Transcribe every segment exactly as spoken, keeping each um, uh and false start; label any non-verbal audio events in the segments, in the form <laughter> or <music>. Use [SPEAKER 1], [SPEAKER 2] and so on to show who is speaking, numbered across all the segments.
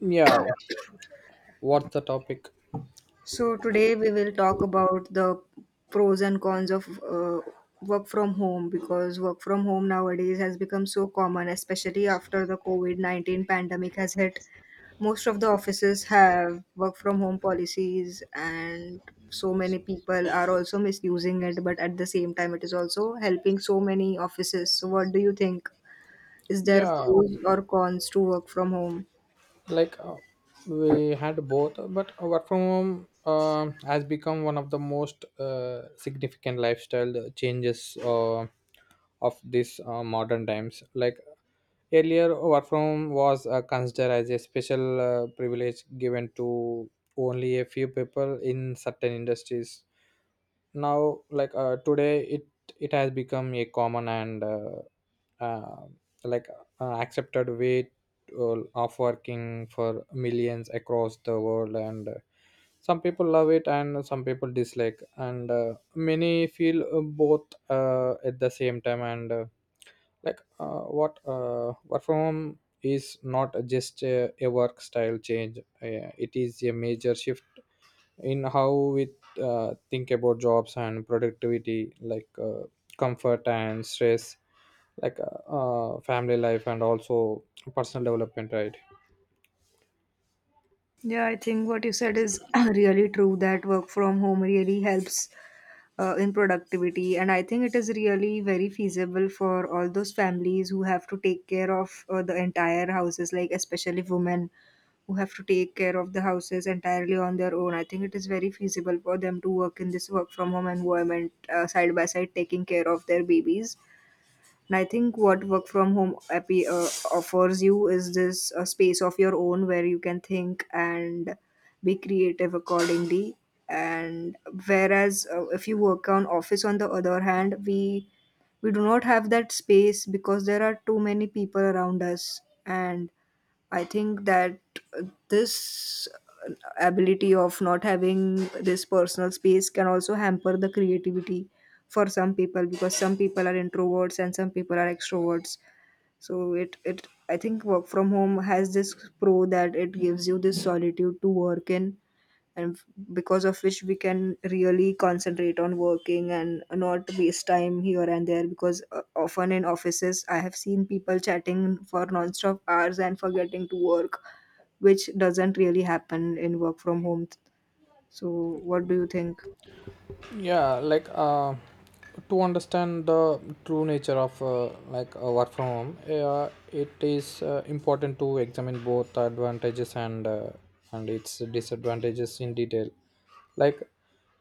[SPEAKER 1] Yeah, what's the topic?
[SPEAKER 2] So today we will talk about the pros and cons of uh, work from home because work from home nowadays has become so common, especially after the COVID nineteen pandemic has hit. Most of the offices have work from home policies, and so many people are also misusing it, but at the same time it is also helping so many offices. So what do you think? Is there
[SPEAKER 1] Yeah,
[SPEAKER 2] pros or cons to work from home?
[SPEAKER 1] like uh, we had both, but work from home um has become one of the most uh, significant lifestyle changes uh, of this uh, modern times. Like earlier, work from home was uh, considered as a special uh, privilege given to only a few people in certain industries now like uh, today it it has become a common and uh, uh, like uh, accepted way to- of working for millions across the world and uh, some people love it and some people dislike and uh, many feel uh, both uh, at the same time and uh, like uh, what uh, work from home is not just a, a work style change, uh, it is a major shift in how we uh, think about jobs and productivity, like uh, comfort and stress, like uh, uh, family life and also personal development, right?
[SPEAKER 2] Yeah, I think what you said is <clears throat> really true that work from home really helps uh, in productivity. And I think it is really very feasible for all those families who have to take care of uh, the entire houses, like especially women who have to take care of the houses entirely on their own. I think it is very feasible for them to work in this work from home environment, uh, side by side, taking care of their babies. And I think what work from home appear, uh, offers you is this uh, space of your own where you can think and be creative accordingly. And whereas, uh, if you work on office, on the other hand, we we do not have that space because there are too many people around us. And I think that this ability of not having this personal space can also hamper the creativity for some people because some people are introverts and some people are extroverts. So it it I think work from home has this pro that it gives you this solitude to work in, and f- because of which we can really concentrate on working and not waste time here and there, because uh, often in offices I have seen people chatting for non-stop hours and forgetting to work, which doesn't really happen in work from home. So what do you think?
[SPEAKER 1] Yeah, like uh, to understand the true nature of, uh, like a work from home, uh, it is uh, important to examine both the advantages and, uh, and its disadvantages in detail. Like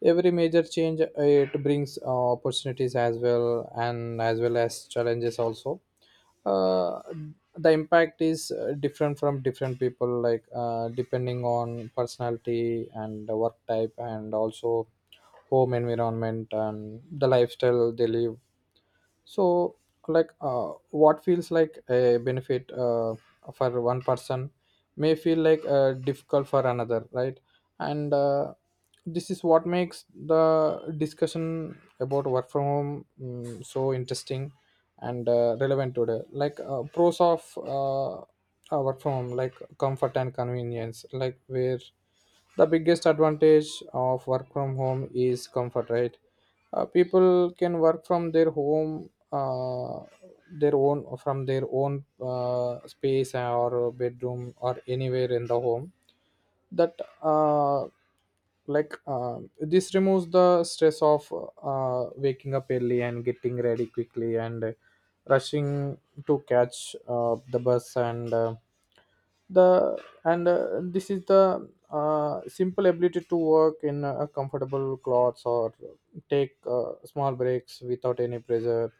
[SPEAKER 1] every major change, uh, it brings uh, opportunities as well and as well as challenges also. uh, the impact is uh, different from different people, like uh, depending on personality and the work type, and also home environment and the lifestyle they live. So like uh, what feels like a benefit uh, for one person may feel like uh, difficult for another, right? And uh, this is what makes the discussion about work from home mm, so interesting and uh, relevant today. Like uh, pros of uh, uh, work from home, like comfort and convenience. Like where the biggest advantage of work from home is comfort, right? Uh, people can work from their home, uh, their own from their own uh, space or bedroom or anywhere in the home. That uh, like uh, This removes the stress of uh, waking up early and getting ready quickly and rushing to catch uh, the bus and. Uh, the and uh, This is the uh, simple ability to work in uh, comfortable clothes or take uh, small breaks without any pressure,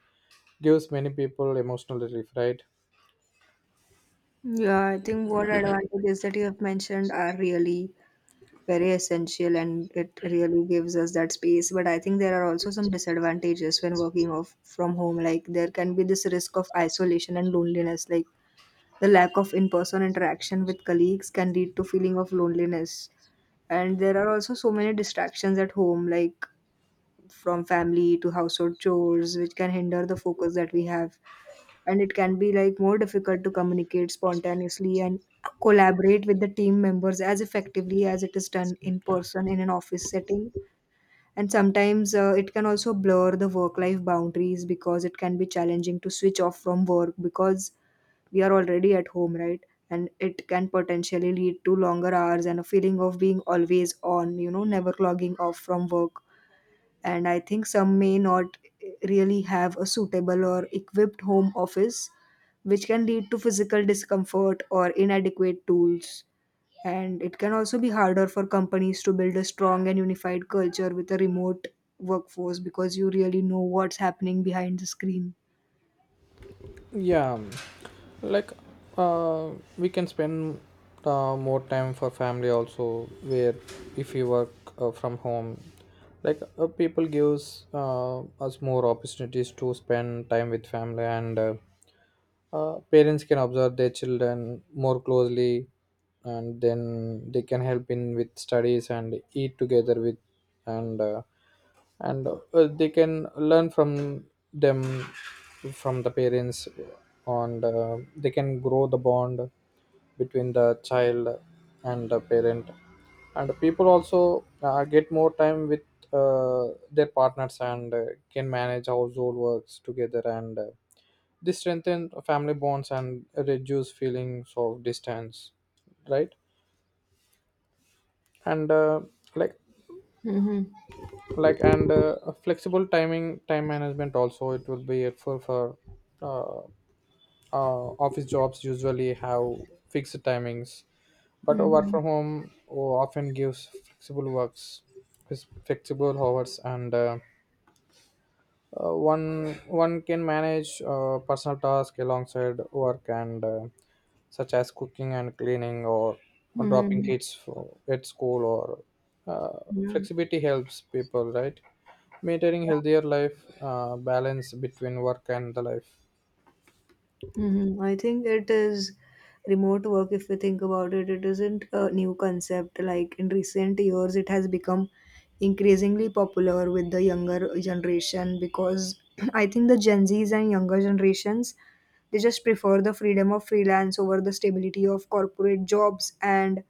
[SPEAKER 1] gives many people emotional relief, right?
[SPEAKER 2] Yeah, I think what advantages that you have mentioned are really very essential, and it really gives us that space. But I think there are also some disadvantages when working off from home. Like, there can be this risk of isolation and loneliness, like the lack of in-person interaction with colleagues can lead to feeling of loneliness. And there are also so many distractions at home, like from family to household chores, which can hinder the focus that we have. And it can be like more difficult to communicate spontaneously and collaborate with the team members as effectively as it is done in person in an office setting. And sometimes uh, it can also blur the work life boundaries because it can be challenging to switch off from work because we are already at home, right? And it can potentially lead to longer hours and a feeling of being always on, you know, never logging off from work. And I think some may not really have a suitable or equipped home office, which can lead to physical discomfort or inadequate tools. And it can also be harder for companies to build a strong and unified culture with a remote workforce because you really know what's happening behind the screen.
[SPEAKER 1] Yeah, like uh, we can spend uh, more time for family also. Where if we work uh, from home, like uh, people gives uh, us more opportunities to spend time with family, and uh, uh, parents can observe their children more closely, and then they can help in with studies and eat together with, and uh, and uh, they can learn from them, from the parents, and uh, they can grow the bond between the child and the parent. And people also uh, get more time with uh, their partners, and uh, can manage household works together, and uh, this strengthen family bonds and reduce feelings of distance, right? And uh, like like and uh, flexible timing, time management also, it will be helpful for uh, uh, office jobs usually have fixed timings, but a work from home often gives flexible works, flexible hours and. Uh, Uh, one one can manage uh, personal tasks alongside work, and uh, such as cooking and cleaning, or, or
[SPEAKER 2] Hmm.
[SPEAKER 1] dropping kids for, at school, or uh,
[SPEAKER 2] Yeah.
[SPEAKER 1] flexibility helps people, right? Maintaining healthier life uh, balance between work and the life.
[SPEAKER 2] Hmm. I think it is remote work. If we think about it, it isn't a new concept. Like in recent years, it has become increasingly popular with the younger generation because <clears throat> I think the Gen Zs and younger generations, they just prefer the freedom of freelance over the stability of corporate jobs. And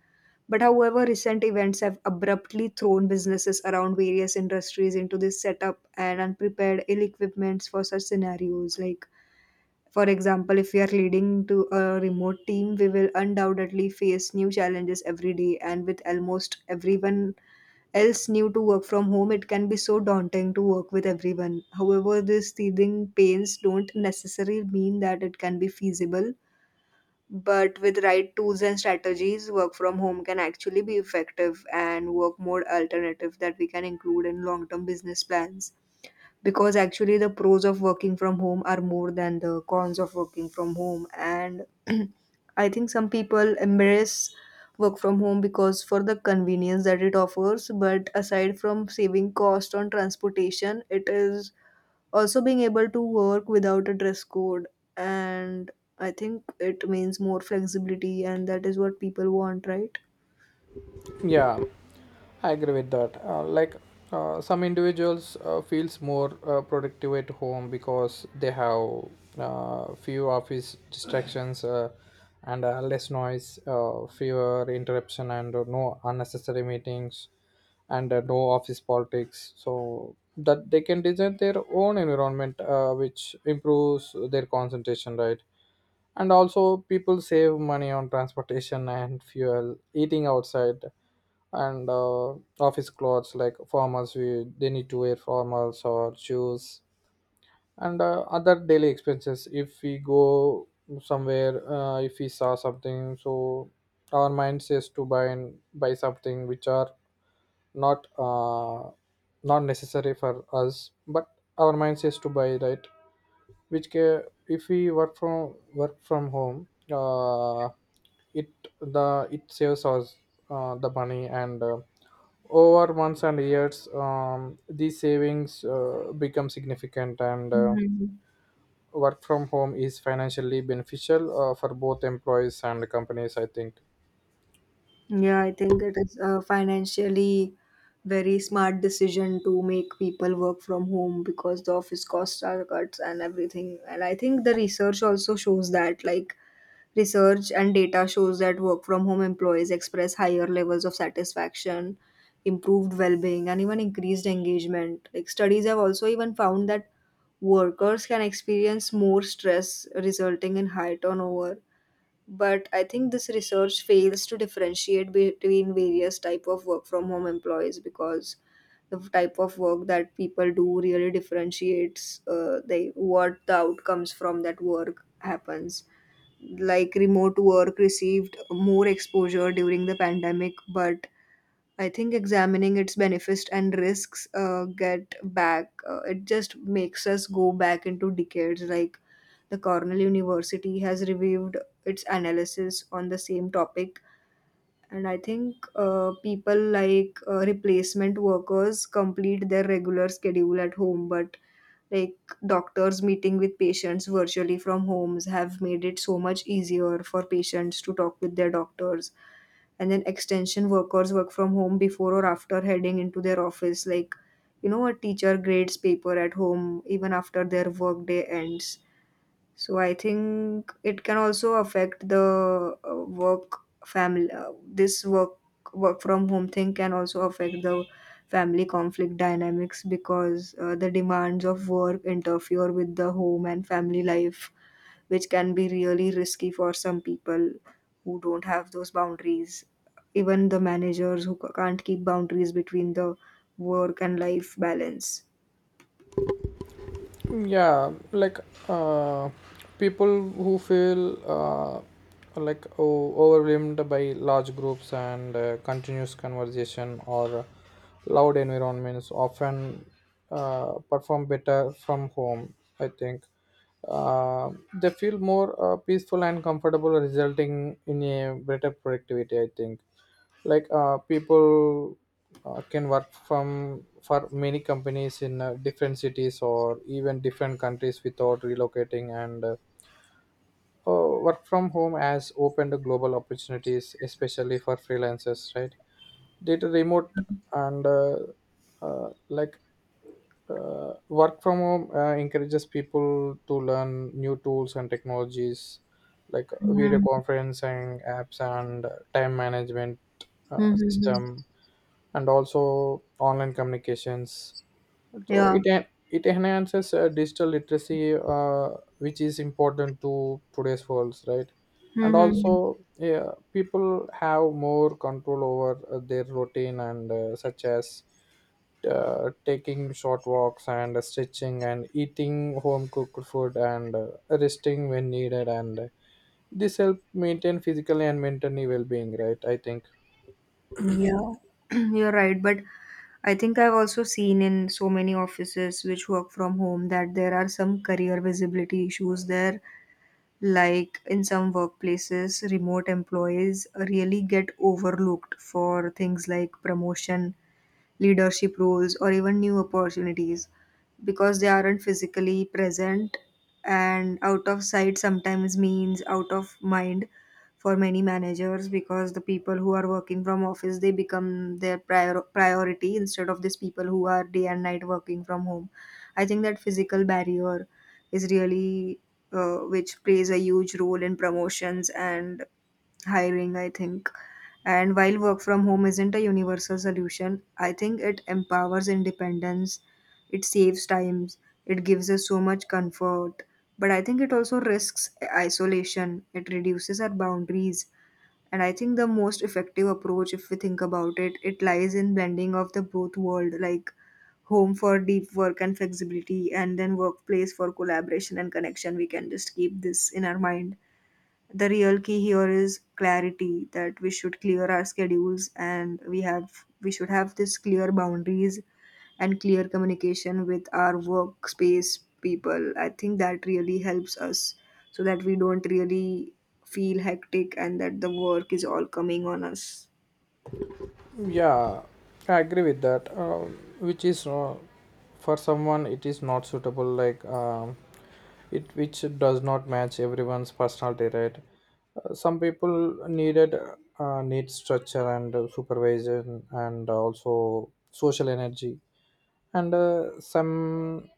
[SPEAKER 2] but however recent events have abruptly thrown businesses around various industries into this setup and unprepared ill equipments for such scenarios, like for example, if we are leading to a remote team, we will undoubtedly face new challenges every day, and with almost everyone else new to work from home, it can be so daunting to work with everyone. However, these teething pains don't necessarily mean that it can be feasible, but with right tools and strategies, work from home can actually be effective and work more alternative that we can include in long term business plans, because actually the pros of working from home are more than the cons of working from home. And <clears throat> I think some people embrace work from home because for the convenience that it offers, but aside from saving cost on transportation, it is also being able to work without a dress code. And I think it means more flexibility, and that is what people want, right?
[SPEAKER 1] Yeah, I agree with that. Uh, like uh, some individuals uh, feels more uh, productive at home because they have uh, few office distractions, uh, and uh, less noise, uh, fewer interruption, and uh, no unnecessary meetings, and uh, no office politics, so that they can design their own environment, uh, which improves their concentration, right? And also people save money on transportation and fuel, eating outside, and uh, office clothes, like formals, we they need to wear formals or shoes, and uh, other daily expenses. If we go somewhere, uh, if we saw something, so our mind says to buy, and buy something which are not uh, not necessary for us, but our mind says to buy, right? Which ca- if we work from work from home, uh, it the it saves us uh, the money, and uh, over months and years, um, these savings uh, become significant, and uh,
[SPEAKER 2] Mhm.
[SPEAKER 1] work from home is financially beneficial uh, for both employees and companies, I think.
[SPEAKER 2] Yeah, I think it is a financially very smart decision to make people work from home because the office costs are cuts and everything. And I think the research also shows that, like, research and data shows that work from home employees express higher levels of satisfaction, improved well being, and even increased engagement. Like, studies have also even found that workers can experience more stress resulting in high turnover, but I think this research fails to differentiate between various type of work from home employees because the type of work that people do really differentiates uh, they what the outcomes from that work happens. Like remote work received more exposure during the pandemic, but I think examining its benefits and risks uh, get back, uh, it just makes us go back into decades. Like, the Cornell University has reviewed its analysis on the same topic. And I think uh, people like uh, replacement workers complete their regular schedule at home, but like doctors meeting with patients virtually from homes have made it so much easier for patients to talk with their doctors. And then extension workers work from home before or after heading into their office, like you know a teacher grades paper at home even after their work day ends. So I think it can also affect the uh, work family. Uh, this work work from home thing can also affect the family conflict dynamics because uh, the demands of work interfere with the home and family life, which can be really risky for some people who don't have those boundaries. Even the managers who ca- can't keep boundaries between the work and life balance.
[SPEAKER 1] Yeah, like uh, people who feel uh, like o- overwhelmed by large groups and uh, continuous conversation or loud environments often uh, perform better from home, I think. uh, they feel more uh, peaceful and comfortable, resulting in a better productivity, I think. like uh, people uh, can work from, for many companies in uh, different cities or even different countries, without relocating, and uh, uh, work from home has opened global opportunities, especially for freelancers, right? Data remote, and uh, uh, like uh, work from home uh, encourages people to learn new tools and technologies, like video
[SPEAKER 2] Mm-hmm.
[SPEAKER 1] conferencing apps and uh, time management uh,
[SPEAKER 2] Mm-hmm.
[SPEAKER 1] system, and also online communications. so
[SPEAKER 2] Yeah.
[SPEAKER 1] it en- it enhances uh, digital literacy, uh, which is important to today's world, right? And
[SPEAKER 2] Mm-hmm.
[SPEAKER 1] also yeah, people have more control over uh, their routine, and uh, such as uh, taking short walks and stretching and eating home cooked food, and uh, resting when needed, and uh, this help maintain physical and mentally well-being, right, I think?
[SPEAKER 2] Yeah, <clears throat> you're right. But I think I've also seen in so many offices which work from home that there are some career visibility issues there. Like in some workplaces, remote employees really get overlooked for things like promotion, leadership roles, or even new opportunities because they aren't physically present, and out of sight sometimes means out of mind for many managers, because the people who are working from office, they become their prior- priority instead of these people who are day and night working from home. I think that physical barrier is really uh, which plays a huge role in promotions and hiring, I think. And while work from home isn't a universal solution, I think it empowers independence, it saves times, it gives us so much comfort. But I think it also risks isolation, it reduces our boundaries. And I think the most effective approach, if we think about it, it lies in blending of the both world, like home for deep work and flexibility, and then workplace for collaboration and connection. We can just keep this in our mind. The real key here is clarity, that we should clear our schedules, and we have we should have this clear boundaries and clear communication with our workspace people. I think that really helps us so that we don't really feel hectic and that the work is all coming on us.
[SPEAKER 1] Yeah, I agree with that. Um, which is uh, for someone it is not suitable, like um, it which does not match everyone's personality, right? Uh, some people needed uh, need structure and uh, supervision, and also social energy, and uh, some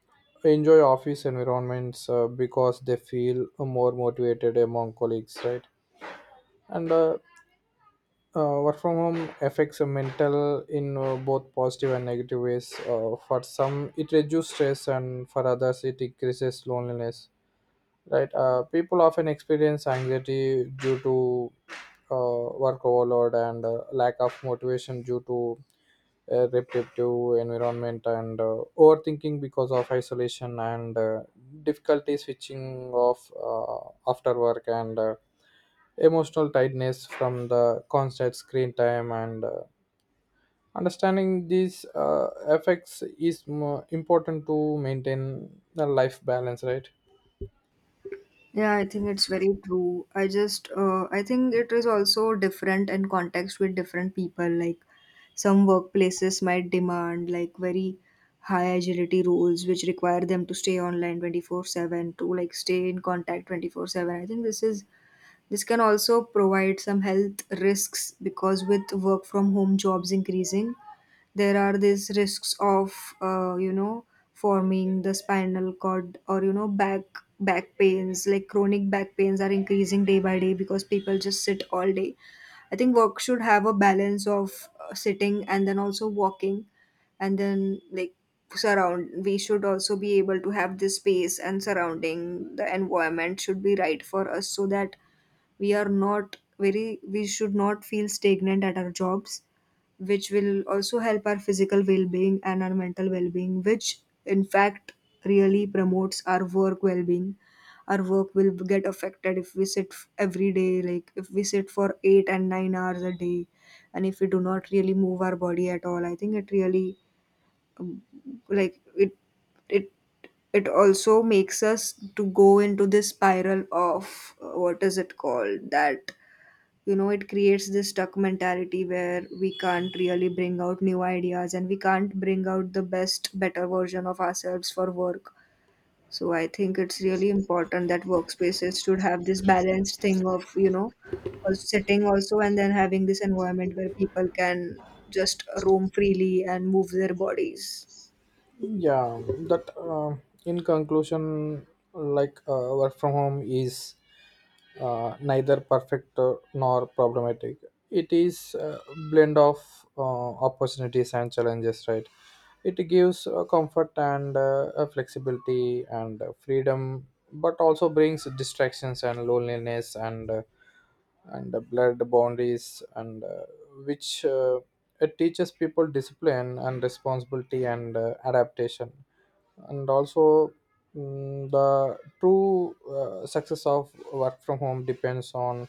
[SPEAKER 1] enjoy office environments uh, because they feel more motivated among colleagues, right? And uh, uh, work from home affects uh, mental in uh, both positive and negative ways. Uh, for some it reduces stress, and for others it increases loneliness. Right. Uh, people often experience anxiety due to uh, work overload, and uh, lack of motivation due to a repetitive environment, and uh, overthinking because of isolation, and uh, difficulty switching off uh, after work, and uh, emotional tiredness from the constant screen time, and uh, understanding these uh, effects is more important to maintain the life balance, right?
[SPEAKER 2] Yeah, I think it's very true. I just, uh, I think it is also different in context with different people. Like, some workplaces might demand like very high agility roles, which require them to stay online twenty-four seven, to like stay in contact twenty-four seven. I think this is this can also provide some health risks, because with work from home jobs increasing, there are these risks of uh, you know forming the spinal cord, or you know back back pains, like chronic back pains are increasing day by day because people just sit all day. I think work should have a balance of uh, sitting and then also walking, and then like surround we should also be able to have this space, and surrounding the environment should be right for us so that we are not very we should not feel stagnant at our jobs, which will also help our physical well-being and our mental well-being, which in fact really promotes our work well-being. Our work will get affected if we sit f- every day, like if we sit for eight and nine hours a day, and if we do not really move our body at all, I think it really like it it it also makes us to go into this spiral of uh, what is it called that, you know, it creates this stuck mentality where we can't really bring out new ideas, and we can't bring out the best better version of ourselves for work. So I think it's really important that workspaces should have this balanced thing of, you know, a sitting also, and then having this environment where people can just roam freely and move their bodies.
[SPEAKER 1] Yeah, that uh, in conclusion, like uh, work from home is uh, neither perfect uh, nor problematic. It is a blend of uh, opportunities and challenges, right? It gives uh, comfort and uh, a flexibility and uh, freedom, but also brings distractions and loneliness, and uh, and the blood boundaries, and uh, which uh, it teaches people discipline and responsibility, and uh, adaptation, and also, mm, the true uh, success of work from home depends on,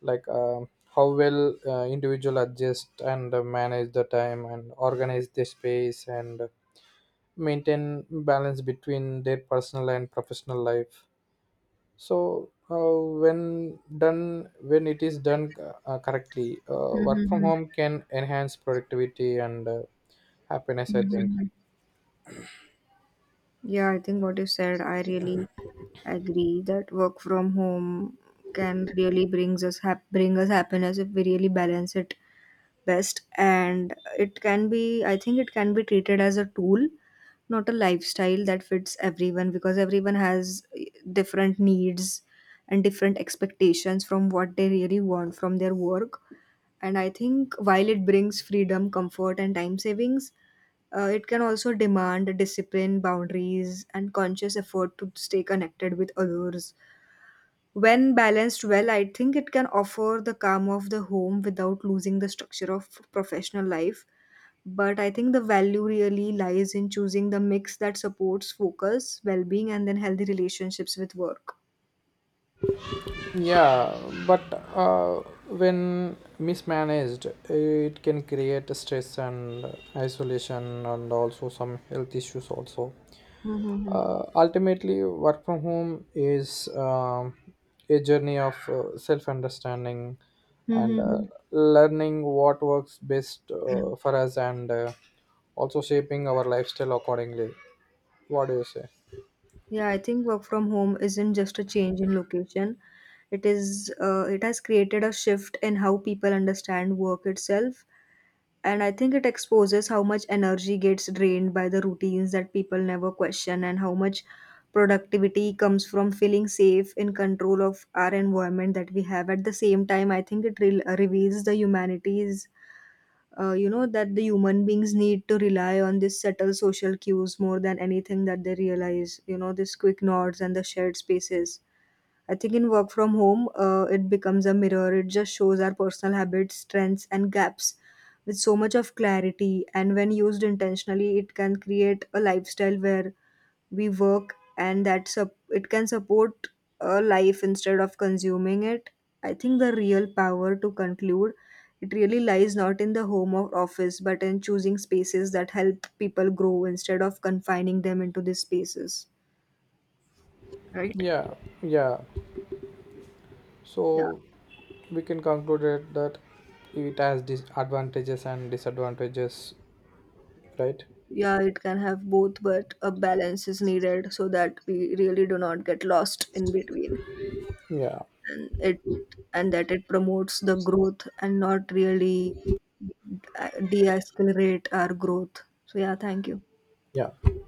[SPEAKER 1] like uh, how well uh, individual adjust, and uh, manage the time and organize their space, and maintain balance between their personal and professional life. So uh, when done, when it is done uh, correctly, uh, work from
[SPEAKER 2] Mhm.
[SPEAKER 1] home can enhance productivity and uh, happiness, I think.
[SPEAKER 2] Mhm. Yeah, I think what you said, I really agree that work from home can really brings us hap- bring us happiness if we really balance it best. And it can be, I think it can be treated as a tool, not a lifestyle that fits everyone, because everyone has eh, different needs and different expectations from what they really want from their work. And I think while it brings freedom, comfort, and time savings, uh, it can also demand discipline, boundaries, and conscious effort to stay connected with others. When balanced well, I think it can offer the calm of the home without losing the structure of professional life. But I think the value really lies in choosing the mix that supports focus, well being, and then healthy relationships with work.
[SPEAKER 1] Yeah, but uh, when mismanaged, it can create stress and isolation, and also some health issues also.
[SPEAKER 2] Mm-hmm.
[SPEAKER 1] Uh, ultimately, work from home is um, a journey of uh, self understanding, and uh, learning what works best uh, for us, and uh, also shaping our lifestyle accordingly. What do you say?
[SPEAKER 2] Yeah, I think work from home isn't just a change in location. It is uh, it has created a shift in how people understand work itself, and I think it exposes how much energy gets drained by the routines that people never question, and how much productivity comes from feeling safe in control of our environment that we have. At the same time, I think it re- reveals the humanity's uh, you know, that the human beings need to rely on these subtle social cues more than anything that they realize, you know, these quick nods and the shared spaces. I think in work from home, uh, it becomes a mirror, it just shows our personal habits, strengths and gaps with so much of clarity, and when used intentionally it can create a lifestyle where we work and that sup- it can support a life instead of consuming it. I think the real power, to conclude, it really lies not in the home or office but in choosing spaces that help people grow instead of confining them into these spaces, right?
[SPEAKER 1] Yeah. Yeah.
[SPEAKER 2] Yeah.
[SPEAKER 1] So we can conclude it that it has disadvantages and disadvantages, right?
[SPEAKER 2] Yeah, it can have both, but a balance is needed so that we really do not get lost in between
[SPEAKER 1] Yeah.
[SPEAKER 2] it, and that it promotes the growth and not really uh, deaccelerate our growth. So yeah, thank you.
[SPEAKER 1] Yeah.